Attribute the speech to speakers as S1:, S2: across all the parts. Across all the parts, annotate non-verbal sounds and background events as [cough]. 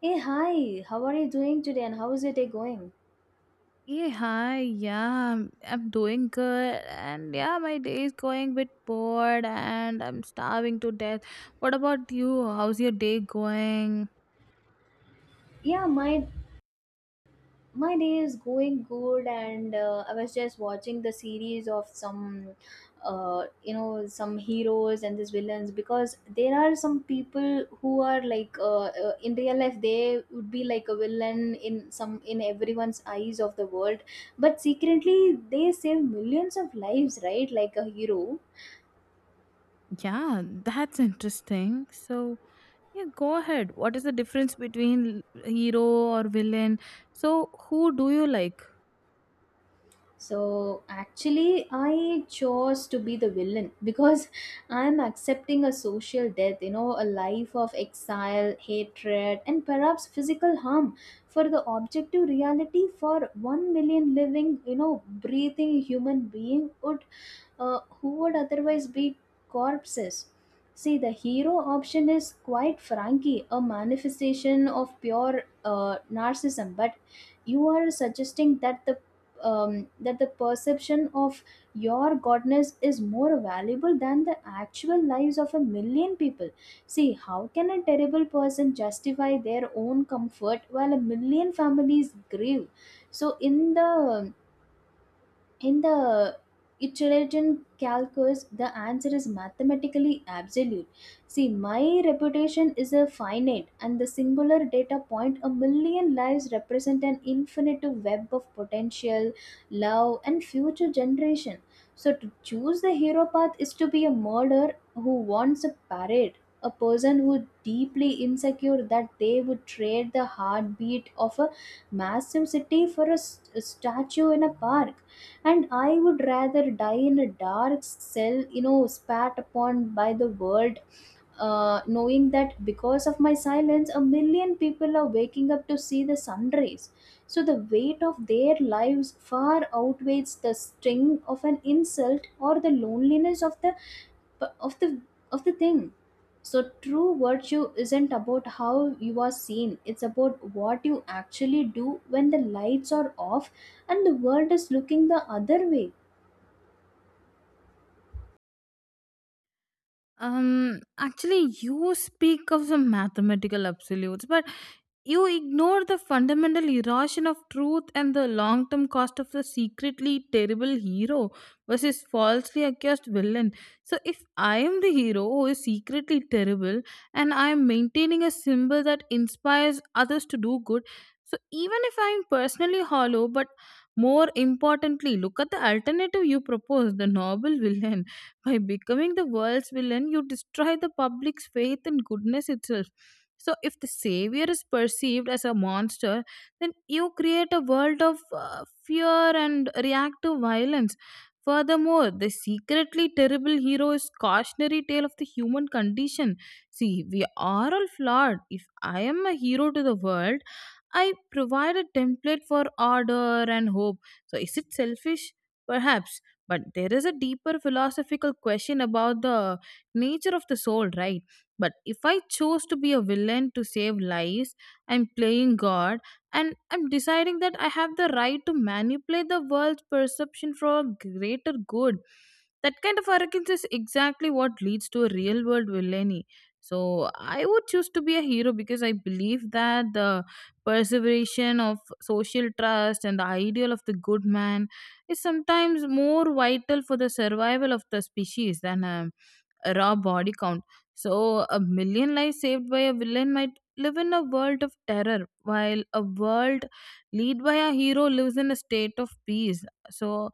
S1: Hey, hi, how are you doing today and how is your day going?
S2: Hey, hi, yeah, I'm doing good, and yeah, my day is going a bit bored, and I'm starving to death. What about you? How's your day going?
S1: Yeah, my day is going good and I was just watching the series of some some heroes and these villains because there are some people who are like in real life they would be like a villain in some in everyone's eyes of the world but secretly they save millions of lives, right, like a hero.
S2: Yeah, that's interesting. So, yeah, go ahead. What is the difference between hero or villain? So, who do you like?
S1: So actually, I chose to be the villain because [laughs] I'm accepting a social death, you know, a life of exile, hatred, and perhaps physical harm for the objective reality for 1 million living, you know, breathing human being would who would otherwise be corpses. See, the hero option is quite frankly a manifestation of pure narcissism, but you are suggesting that the perception of your godness is more valuable than the actual lives of a million people. See, how can a terrible person justify their own comfort while a million families grieve? So, in the Italian calculus, the answer is mathematically absolute. See, my reputation is a finite, and the singular data point, a million lives, represent an infinite web of potential, love, and future generation. So, to choose the hero path is to be a murderer who wants a parade, a person who deeply insecure that they would trade the heartbeat of a massive city for a statue in a park, and I would rather die in a dark cell, you know, spat upon by the world, knowing that because of my silence a million people are waking up to see the sun rays. So the weight of their lives far outweighs the sting of an insult or the loneliness of the of the thing. So true virtue isn't about how you are seen. It's about what you actually do when the lights are off and the world is looking the other way.
S2: Actually, you speak of some mathematical absolutes, but you ignore the fundamental erosion of truth and the long term cost of the secretly terrible hero versus falsely accused villain. So, if I am the hero who is secretly terrible and I am maintaining a symbol that inspires others to do good, so even if I am personally hollow, but more importantly, look at the alternative you propose the noble villain. By becoming the world's villain, you destroy the public's faith in goodness itself. So, if the savior is perceived as a monster, then you create a world of fear and reactive violence. Furthermore, the secretly terrible hero is cautionary tale of the human condition. See, we are all flawed. If I am a hero to the world, I provide a template for order and hope. So, is it selfish? Perhaps. But there is a deeper philosophical question about the nature of the soul, right? But if I chose to be a villain to save lives, I'm playing God, and I'm deciding that I have the right to manipulate the world's perception for a greater good. That kind of arrogance is exactly what leads to a real world villainy. So I would choose to be a hero because I believe that the perseveration of social trust and the ideal of the good man is sometimes more vital for the survival of the species than a raw body count. So, a million lives saved by a villain might live in a world of terror, while a world led by a hero lives in a state of peace. So,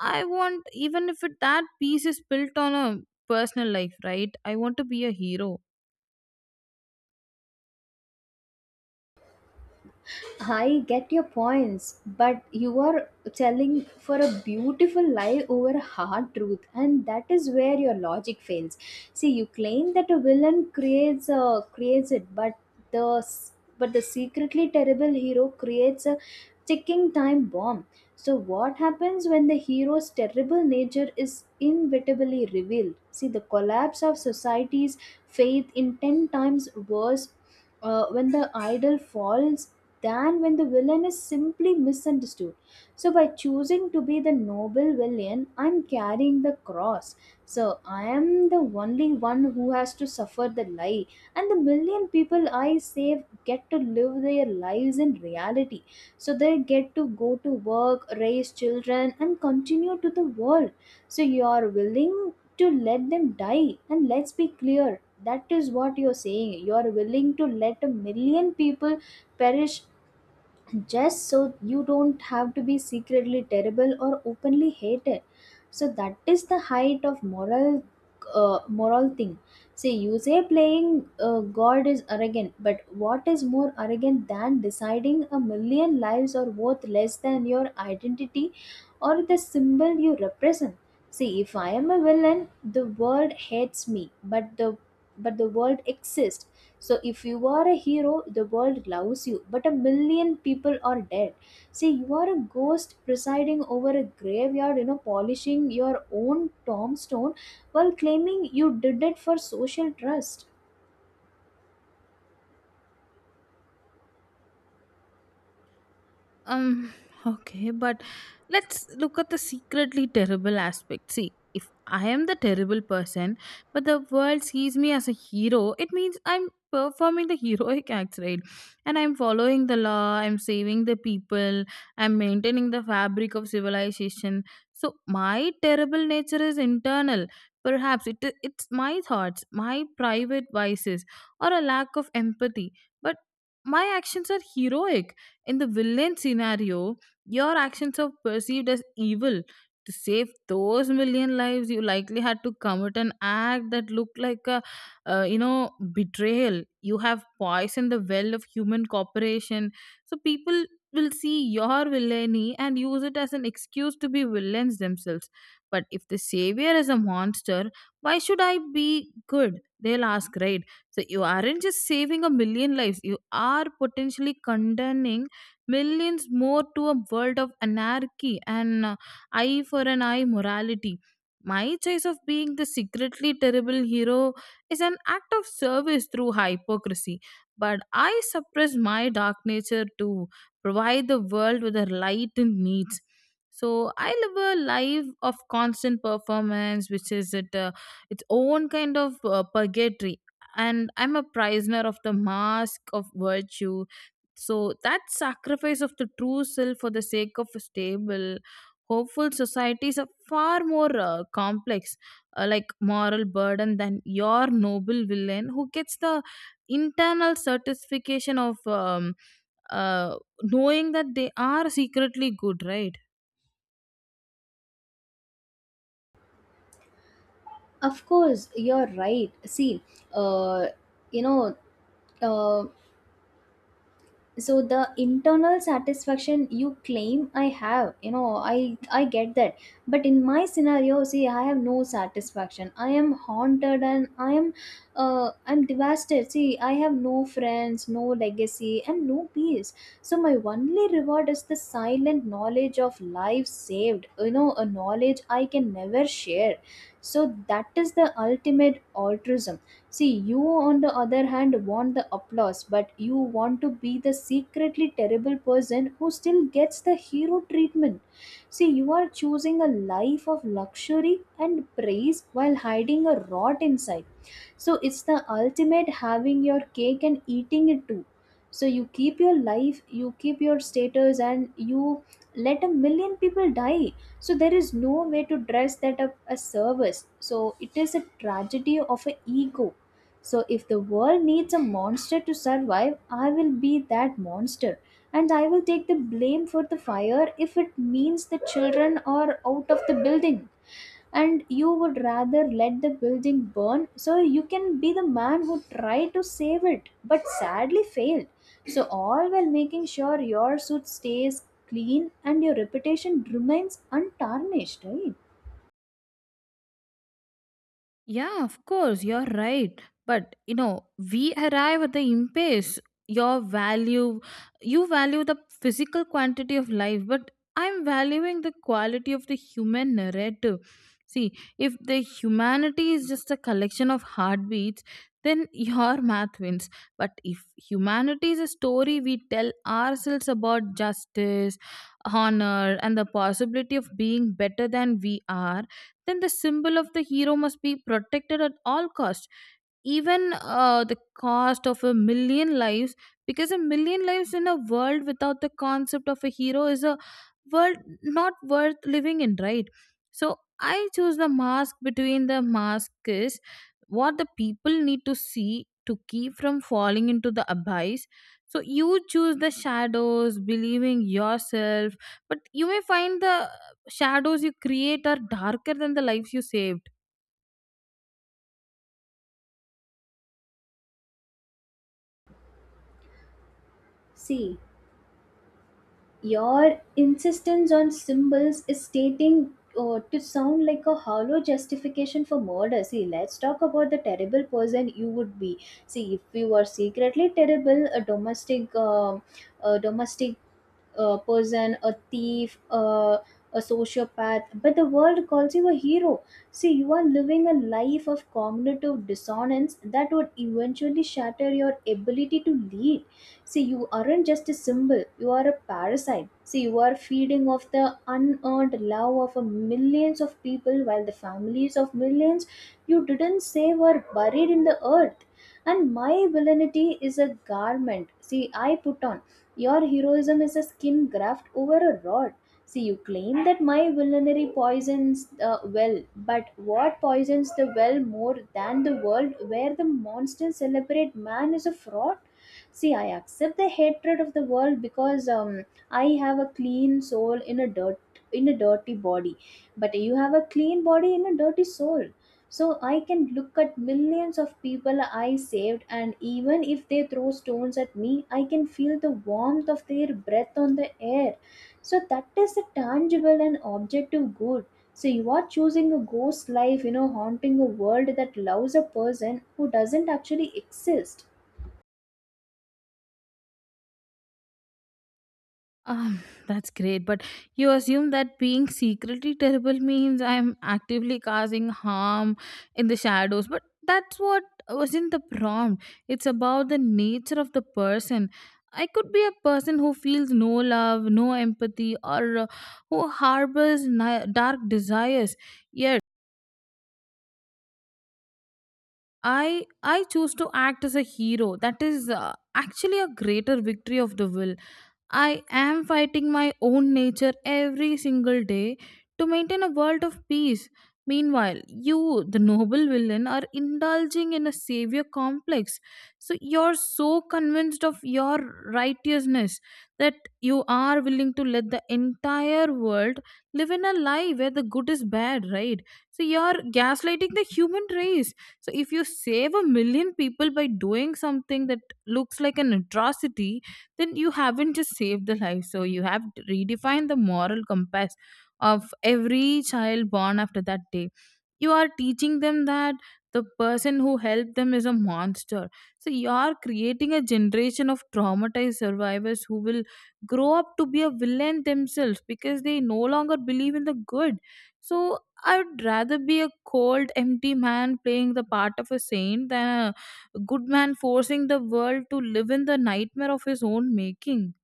S2: I want, even if it, that peace is built on a personal life, right? I want to be a hero.
S1: I get your points, but you are telling for a beautiful lie over a hard truth, and that is where your logic fails. See, you claim that a creates it, but the s- but the secretly terrible hero creates a ticking time bomb. So, what happens when the hero's terrible nature is inevitably revealed? See, the collapse of society's faith in 10 times worse when the idol falls than when the villain is simply misunderstood. So, by choosing to be the noble villain, I'm carrying the cross. So, I am the only one who has to suffer the lie, and the million people I save get to live their lives in reality. So, they get to go to work, raise children, and continue to the world. So, you are willing to let them die, and let's be clear. That is what you're saying. You are willing to let a million people perish just so you don't have to be secretly terrible or openly hated. So that is the height of moral moral thing. See, you say playing God is arrogant, but what is more arrogant than deciding a million lives are worth less than your identity or the symbol you represent? See, if I am a villain, the world hates me, but the world exists. So if you are a hero, the world loves you, but a million people are dead. See, you are a ghost presiding over a graveyard, you know, polishing your own tombstone while claiming you did it for social trust.
S2: Um, okay, but let's look at the secretly terrible aspect. See, if I am the terrible person, but the world sees me as a hero, it means I'm performing the heroic acts, right? And I'm following the law, I'm saving the people, I'm maintaining the fabric of civilization. So my terrible nature is internal. Perhaps it's my thoughts, my private vices, or a lack of empathy. But my actions are heroic in the villain scenario, your actions are perceived as evil. To save those million lives, you likely had to commit an act that looked like a betrayal. You have poisoned the well of human cooperation. So people will see your villainy and use it as an excuse to be villains themselves. But if the savior is a monster, why should I be good? They'll ask, right? So you aren't just saving a million lives, you are potentially condemning millions more to a world of anarchy and eye for an eye morality. My choice of being the secretly terrible hero is an act of service through hypocrisy, but I suppress my dark nature to provide the world with the light it needs. So I live a life of constant performance, which is its own kind of purgatory, and I'm a prisoner of the mask of virtue so that sacrifice of the true self for the sake of a stable, hopeful societies are far more complex, like moral burden than your noble villain who gets the internal certification of uh, knowing that they are secretly good, right?
S1: Of course, you're right. See, uh, you know, uh, so the internal satisfaction you claim I have, you know, I get that, but in my scenario, see, I have no satisfaction. I am haunted and I'm devastated. See, I have no friends, no legacy, and no peace. So my only reward is the silent knowledge of life saved, you know, a knowledge I can never share. So that is the ultimate altruism. See, you on the other hand want the applause, but you want to be the secretly terrible person who still gets the hero treatment. See, you are choosing a life of luxury and praise while hiding a rot inside. So it's the ultimate having your cake and eating it too. So you keep your life, you keep your status, and you let a million people die. So there is no way to dress that up as service. So it is a tragedy of an ego. So if the world needs a monster to survive, I will be that monster, and I will take the blame for the fire if it means the children are out of the building. And you would rather let the building burn so you can be the man who tried to save it but sadly failed, so all while making sure your suit stays clean and your reputation remains untarnished, right?
S2: Yeah, of course, you're right. But you know, we arrive at the impasse. Your value, you value the physical quantity of life, but I'm valuing the quality of the human narrative. See, if the humanity is just a collection of heartbeats, then [laughs] your math wins. But if humanity is a story we tell ourselves about justice, honor, and the possibility of being better than we are, then the symbol of the hero must be protected at all costs, even the cost of a million lives, because a million lives in a world without the concept of a hero is a world not worth living in, right? So I choose the mask between the mask is what the people need to see to keep from falling into the abyss. So you choose the shadows believing yourself, but you may find the shadows you create are darker than the lives you saved.
S1: See, your insistence on symbols is stating to sound like a hollow justification for murder. See, let's talk about the terrible person you would be. See, if you are secretly terrible, a domestic person, a thief, a sociopath, but the world calls you a hero. See, you are living a life of cognitive dissonance that would eventually shatter your ability to lead. See, you aren't just a symbol, you are a parasite. See, you are feeding off the unearned love of a millions of people while the families of millions you didn't save are buried in the earth. And my villainy is a garment. See, I put on your heroism is a skin graft over a rod. See, you claim that my villainy poisons the well, but what poisons the well more than the world where the monsters celebrate man is a fraud? See, I accept the hatred of the world because I have a clean soul in a dirty body, but you have a clean body in a dirty soul. So I can look at millions of people I saved, and even if they throw stones at me, I can feel the warmth of their breath on the air. So that is a tangible and objective good. So you are choosing a ghost life, you know, haunting a world that loves a person who doesn't actually exist.
S2: Um, that's great, but you assume that being secretly terrible means I'm actively causing harm in the shadows, but that's what wasn't the prompt. It's about the nature of the person. I could be a person who feels no love, no empathy, or who harbors dark desires. Yet, I choose to act as a hero. That is actually a greater victory of the will. I am fighting my own nature every single day to maintain a world of peace. Meanwhile, you, the noble villain, are indulging in a savior complex. So you're so convinced of your righteousness that you are willing to let the entire world live in a lie where the good is bad, right? So you're gaslighting the human race. So if you save a million people by doing something that looks like an atrocity, then you haven't just saved the life. So you have redefined the moral compass of every child born after that day. You are teaching them that the person who helped them is a monster. So you are creating a generation of traumatized survivors who will grow up to be a villain themselves because they no longer believe in the good. So I'd rather be a cold, empty man playing the part of a saint than good man forcing the world to live in the nightmare of his own making.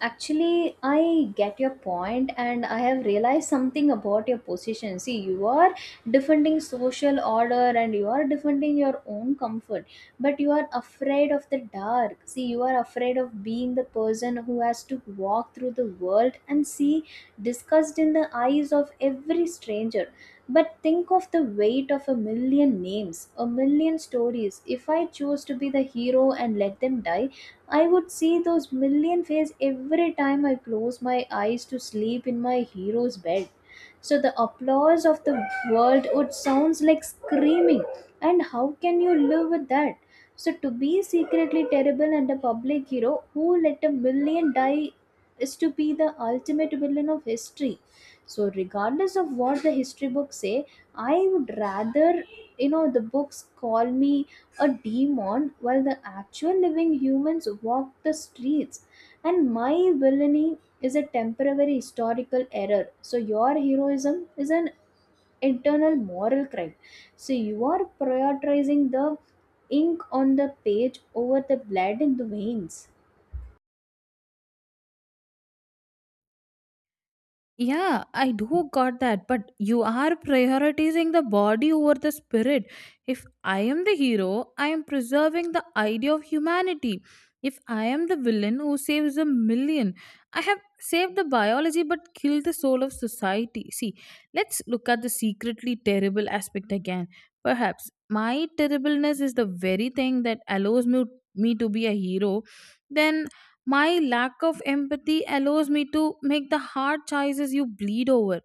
S1: Actually, I get your point, and I have realized something about your position. See, you are defending social order and you are defending your own comfort, but you are afraid of the dark. See, you are afraid of being the person who has to walk through the world and see disgust in the eyes of every stranger. But think of the weight of a million names, a million stories. If I chose to be the hero and let them die, I would see those million faces every time I close my eyes to sleep in my hero's bed. So the applause of the world would sounds like screaming. And how can you live with that? So to be secretly terrible and a public hero who let a million die is to be the ultimate villain of history. So regardless of what the history books say, I would rather, you know, the books call me a demon while the actual living humans walk the streets. And my villainy is a temporary historical error, so your heroism is an internal moral crime. So you are prioritizing the ink on the page over the blood in the veins.
S2: Yeah, I do got that, but you are prioritizing the body over the spirit. If I am the hero, I am preserving the idea of humanity. If I am the villain who saves a million, I have saved the biology but killed the soul of society. See, let's look at the secretly terrible aspect again. Perhaps my terribleness is the very thing that allows me to be a hero. Then my lack of empathy allows me to make the hard choices you bleed over,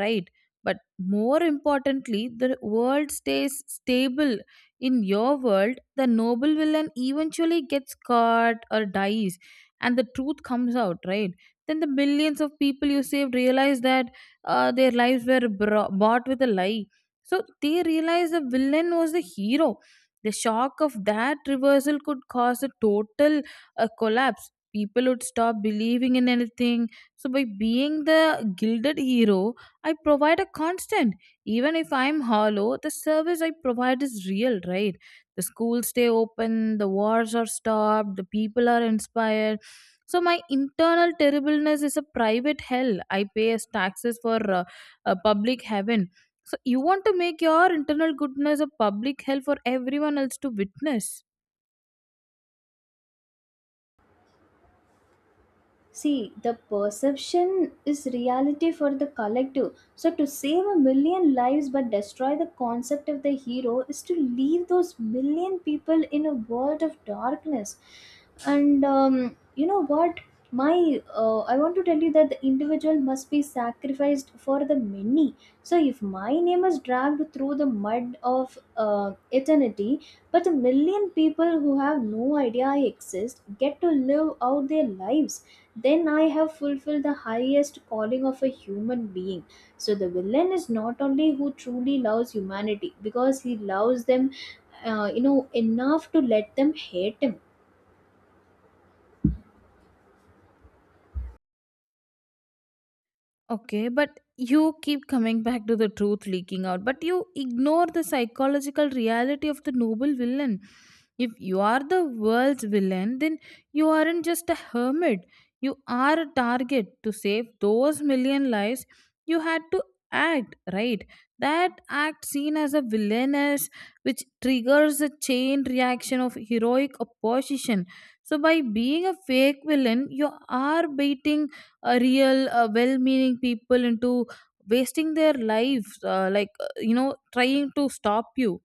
S2: right? But more importantly the world stays stable. In your world the noble villain eventually gets caught or dies and the truth comes out, right? Then the millions of people you saved realize that their lives were bought with a lie, so they realize the villain was the hero. The shock of that reversal could cause a total collapse. People would stop believing in anything. So, by being the gilded hero, I provide a constant. Even if I'm hollow, the service I provide is real, right? The schools stay open, the wars are stopped, the people are inspired. So, my internal terribleness is a private hell. I pay as taxes for a public heaven. So, you want to make your internal goodness a public hell for everyone else to witness.
S1: See, the perception is reality for the collective. So, to save a million lives but destroy the concept of the hero is to leave those million people in a world of darkness. And you know what? I want to tell you that the individual must be sacrificed for the many. So, if my name is dragged through the mud of eternity, but the million people who have no idea I exist get to live out their lives, then I have fulfilled the highest calling of a human being. So the villain is not only who truly loves humanity because he loves them, you know, enough to let them hate him.
S2: Okay, but you keep coming back to the truth leaking out, but you ignore the psychological reality of the noble villain. If you are the world's villain, then you aren't just a hermit. You are a target. To save those million lives, you had to act, right? That act seen as a villainous, which triggers a chain reaction of heroic opposition. So, by being a fake villain, you are baiting a real well-meaning people into wasting their lives trying to stop you.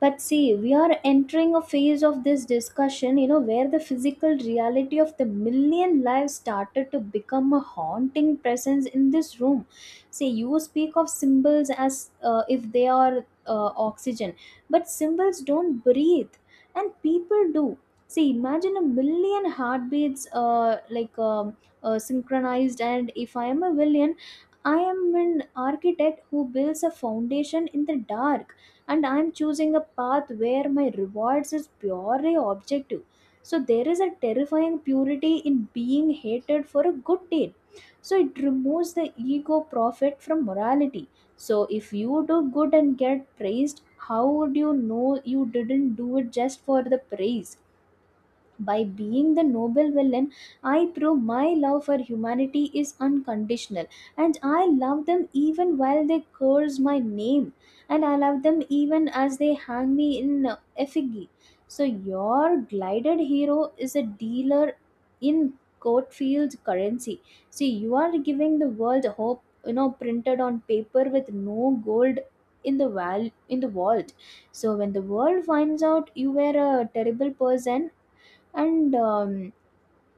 S1: But see, we are entering a phase of this discussion, you know, where the physical reality of the million lives started to become a haunting presence in this room. See, you speak of symbols as if they are oxygen, but symbols don't breathe, and people do. See, imagine a million heartbeats, synchronized, and if I am a villain, I am an architect who builds a foundation in the dark, and I am choosing a path where my rewards is purely objective. So there is a terrifying purity in being hated for a good deed. So it removes the ego profit from morality. So if you do good and get praised, how would you know you didn't do it just for the praise? By being the noble villain, I prove my love for humanity is unconditional, and I love them even while they curse my name, and I love them even as they hang me in effigy. So your glided hero is a dealer in Courtfield's currency. See, you are giving the world hope, you know, printed on paper with no gold in the vault. So when the world finds out you were a terrible person, and um,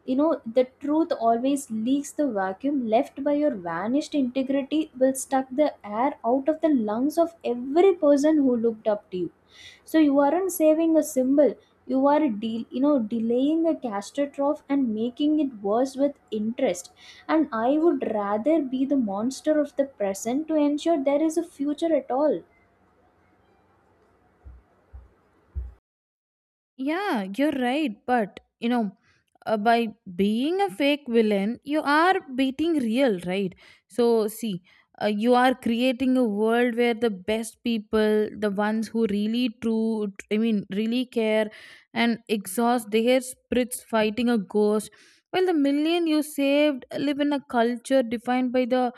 S1: the truth always leaks. The vacuum left by your vanished integrity will suck the air out of the lungs of every person who looked up to you. So you aren't saving a symbol. You are delaying a catastrophe and making it worse with interest. And I would rather be the monster of the present to ensure there is a future at all.
S2: Yeah, you're right. But, you know, by being a fake villain, you are beating real, right? So, see, you are creating a world where the best people, the ones who really true, I mean, really care and exhaust their spirits fighting a ghost, while the million you saved live in a culture defined by the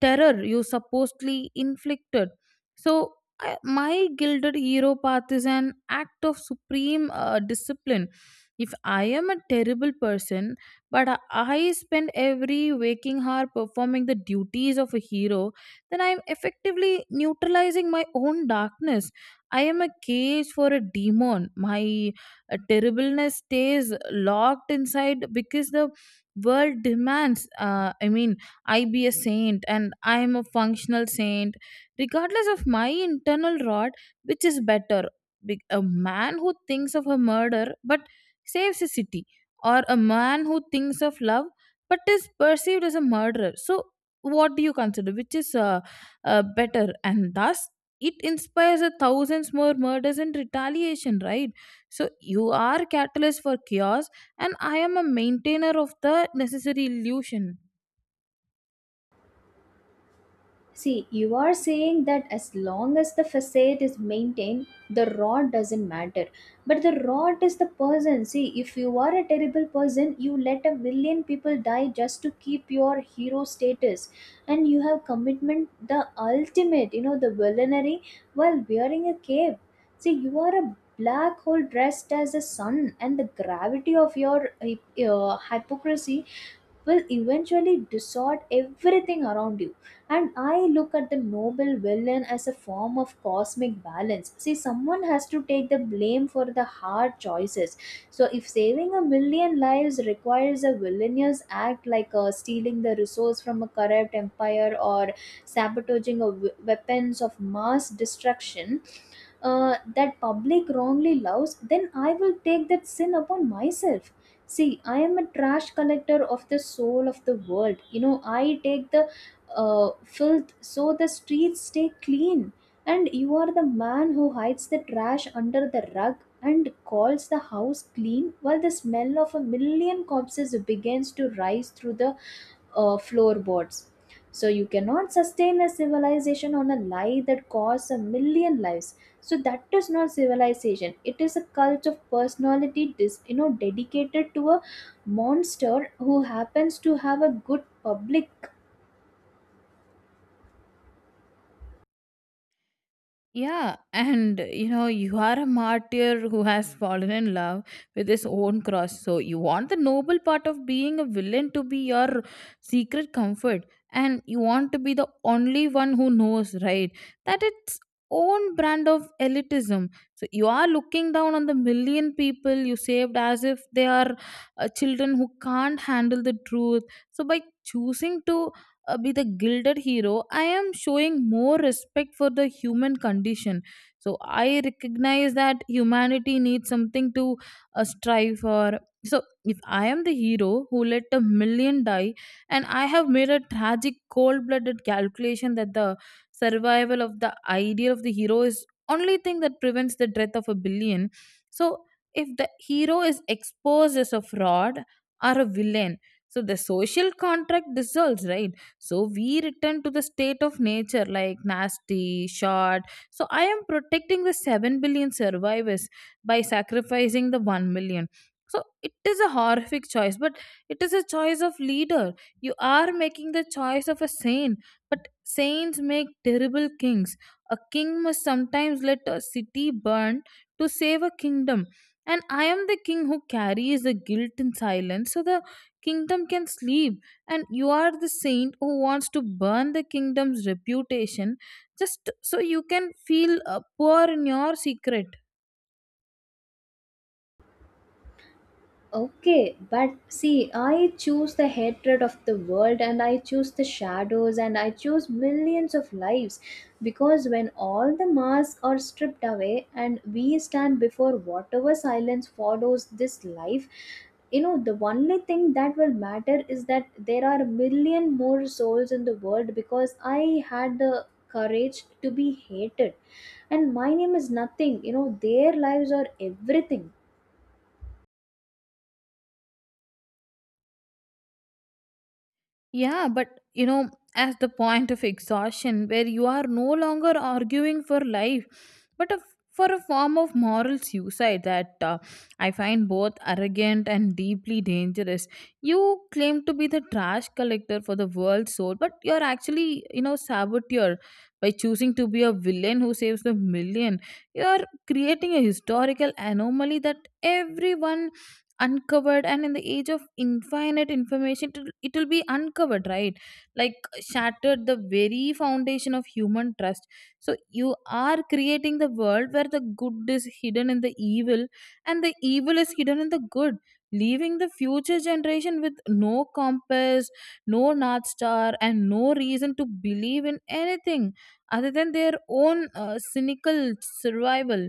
S2: terror you supposedly inflicted. So, my gilded hero path is an act of supreme discipline. If I am a terrible person, but I spend every waking hour performing the duties of a hero, then I am effectively neutralizing my own darkness. I am a cage for a demon. My terribleness stays locked inside because the world demands. I be a saint and I am a functional saint regardless of my internal rot. Which is better? A man who thinks of a murder but saves a city, or a man who thinks of love but is perceived as a murderer? So what do you consider, which is better? And thus it inspires a thousands more murders and retaliation, right? So you are catalyst for chaos, and I am a maintainer of the necessary illusion.
S1: See, you are saying that as long as the facade is maintained, the rod doesn't matter. But the rod is the person. See, if you are a terrible person, you let a million people die just to keep your hero status. And you have commitment the ultimate, you know, the villainy while wearing a cape. See, you are a black hole dressed as a sun, and the gravity of your hypocrisy will eventually distort everything around you. And I look at the noble villain as a form of cosmic balance. See, someone has to take the blame for the hard choices. So if saving a million lives requires a villainous act like stealing the resource from a corrupt empire, or sabotaging of weapons of mass destruction that public wrongly loves, then I will take that sin upon myself. See, I am a trash collector of the soul of the world. You know, I take the filth so the streets stay clean, and you are the man who hides the trash under the rug and calls the house clean while the smell of a million corpses begins to rise through the floorboards. So you cannot sustain a civilization on a lie that costs a million lives. So that is not civilization, it is a cult of personality dedicated to a monster who happens to have a good public.
S2: Yeah, and you know, you are a martyr who has fallen in love with his own cross. So, you want the noble part of being a villain to be your secret comfort, and you want to be the only one who knows, right? That it's own brand of elitism. So, you are looking down on the million people you saved as if they are children who can't handle the truth. So, by choosing to be the gilded hero, I am showing more respect for the human condition. So I recognize that humanity needs something to strive for. So if I am the hero who let a million die, and I have made a tragic, cold-blooded calculation that the survival of the idea of the hero is only thing that prevents the death of a billion. So if the hero is exposed as a fraud or a villain, so the social contract dissolves, right? So we return to the state of nature like nasty, short. So I am protecting the 7 billion survivors by sacrificing the 1 million. So it is a horrific choice, but it is a choice of leader. You are making the choice of a saint, but saints make terrible kings. A king must sometimes let a city burn to save a kingdom. And I am the king who carries the guilt in silence so the kingdom can sleep, and you are the saint who wants to burn the kingdom's reputation just so you can feel poor in your secret.
S1: Okay, but see, I choose the hatred of the world, and I choose the shadows, and I choose millions of lives, because when all the masks are stripped away and we stand before whatever silence follows this life, you know, the only thing that will matter is that there are a million more souls in the world because I had the courage to be hated. And my name is nothing, you know, their lives are everything.
S2: Yeah, but you know, as the point of exhaustion, where you are no longer arguing for life, but for a form of moral suicide that I find both arrogant and deeply dangerous. You claim to be the trash collector for the world's soul, but you're actually, you know, saboteur by choosing to be a villain who saves the million. You're creating a historical anomaly that everyone uncovered, and in the age of infinite information it will be uncovered, right? Like shattered the very foundation of human trust. So you are creating the world where the good is hidden in the evil and the evil is hidden in the good, leaving the future generation with no compass, no north star, and no reason to believe in anything other than their own cynical survival.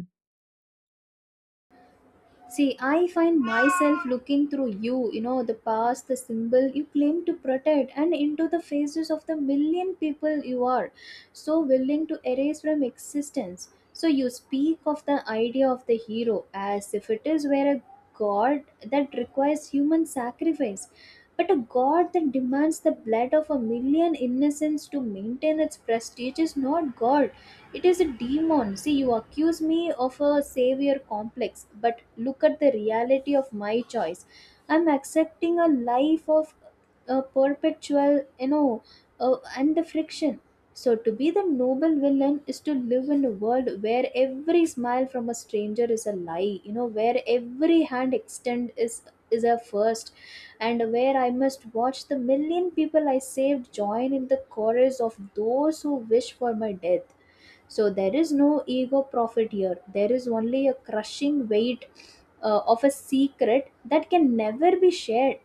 S1: See, I find myself looking through you, you know, the past, the symbol you claim to protect, and into the faces of the million people you are so willing to erase from existence. So you speak of the idea of the hero as if it is where a god that requires human sacrifice, but a god that demands the blood of a million innocents to maintain its prestige is not god. It is a demon. See, you accuse me of a savior complex, but look at the reality of my choice. I'm accepting a life of a perpetual, you know, and the friction. So to be the noble villain is to live in a world where every smile from a stranger is a lie, you know, where every hand extend is a first, and where I must watch the million people I saved join in the chorus of those who wish for my death. So there is no ego profit here. There is only a crushing weight of a secret that can never be shared,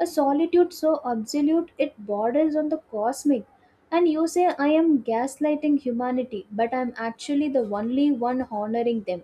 S1: a solitude so absolute it borders on the cosmic. And you say I am gaslighting humanity, but I'm actually the only one honoring them.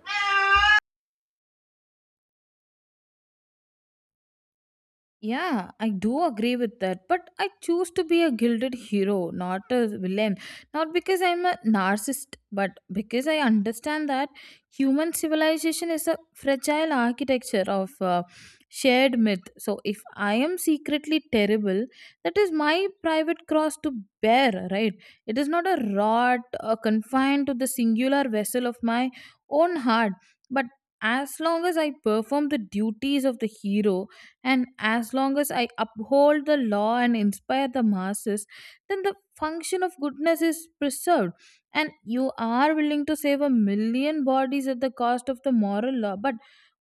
S2: Yeah, I do agree with that. But I choose to be a gilded hero, not a villain. Not because I'm a narcissist, but because I understand that human civilization is a fragile architecture of shared myth. So if I am secretly terrible, that is my private cross to bear, right? It is not a rot confined to the singular vessel of my own heart. But as long as I perform the duties of the hero, and as long as I uphold the law and inspire the masses, then the function of goodness is preserved. And you are willing to save a million bodies at the cost of the moral law. But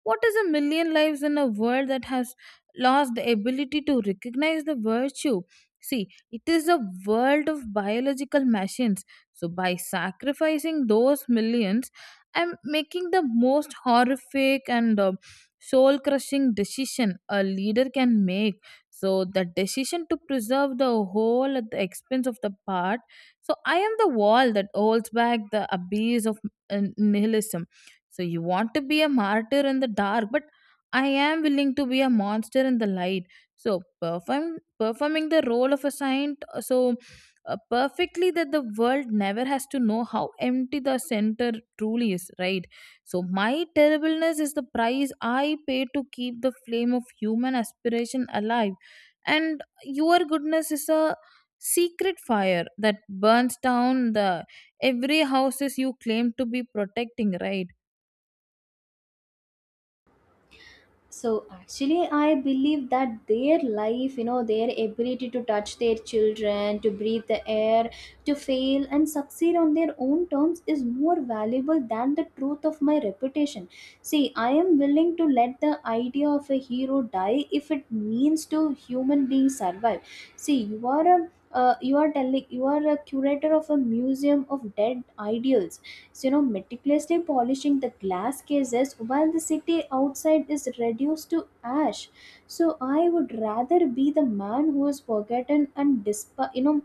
S2: what is a million lives in a world that has lost the ability to recognize the virtue? See, it is a world of biological machines. So, by sacrificing those millions, I'm making the most horrific and soul crushing decision a leader can make. So the decision to preserve the whole at the expense of the part, so I am the wall that holds back the abyss of nihilism. So you want to be a martyr in the dark, but I am willing to be a monster in the light. So performing the role of a saint, so perfectly that the world never has to know how empty the center truly is, right? So, my terribleness is the price I pay to keep the flame of human aspiration alive. And your goodness is a secret fire that burns down the every houses you claim to be protecting, right?
S1: So actually I believe that their life, you know, their ability to touch their children, to breathe the air, to fail and succeed on their own terms, is more valuable than the truth of my reputation. See, I am willing to let the idea of a hero die if it means to human beings survive. See, you are a you are a curator of a museum of dead ideals, so, you know, meticulously polishing the glass cases while the city outside is reduced to ash. So I would rather be the man who is forgotten and desp- you know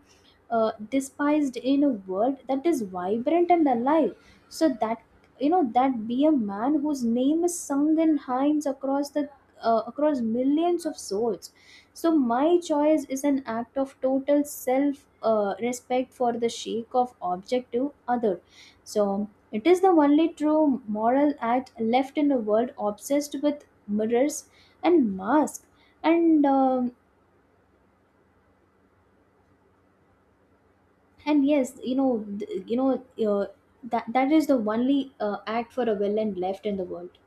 S1: uh, despised in a world that is vibrant and alive, so that, you know, that be a man whose name is sung in hymns across the across millions of souls. So my choice is an act of total self respect for the sake of objective others. So it is the only true moral act left in a world obsessed with mirrors and masks. And um, and yes, you know, uh, that is the only act for a villain left in the world.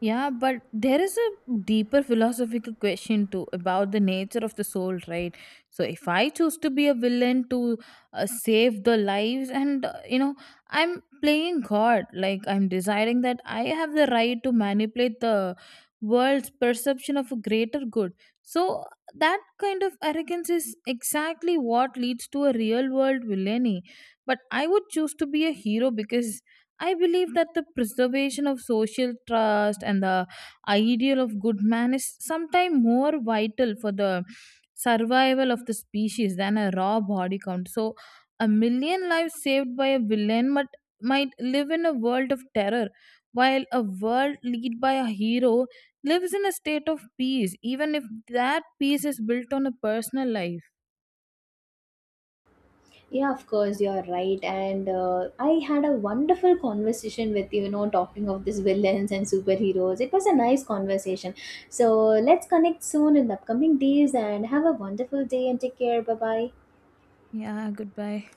S2: Yeah, but there is a deeper philosophical question too about the nature of the soul, right? So if I choose to be a villain to save the lives, and you know, I'm playing God, like I'm desiring that I have the right to manipulate the world's perception of a greater good. So that kind of arrogance is exactly what leads to a real world villainy. But I would choose to be a hero because I believe that the preservation of social trust and the ideal of good man is sometimes more vital for the survival of the species than a raw body count. So, a million lives saved by a villain might live in a world of terror, while a world led by a hero lives in a state of peace, even if that peace is built on a personal life.
S1: Yeah, of course, you're right. And I had a wonderful conversation with you, you know, talking of these villains and superheroes. It was a nice conversation. So let's connect soon in the upcoming days and have a wonderful day and take care. Bye bye.
S2: Yeah, goodbye.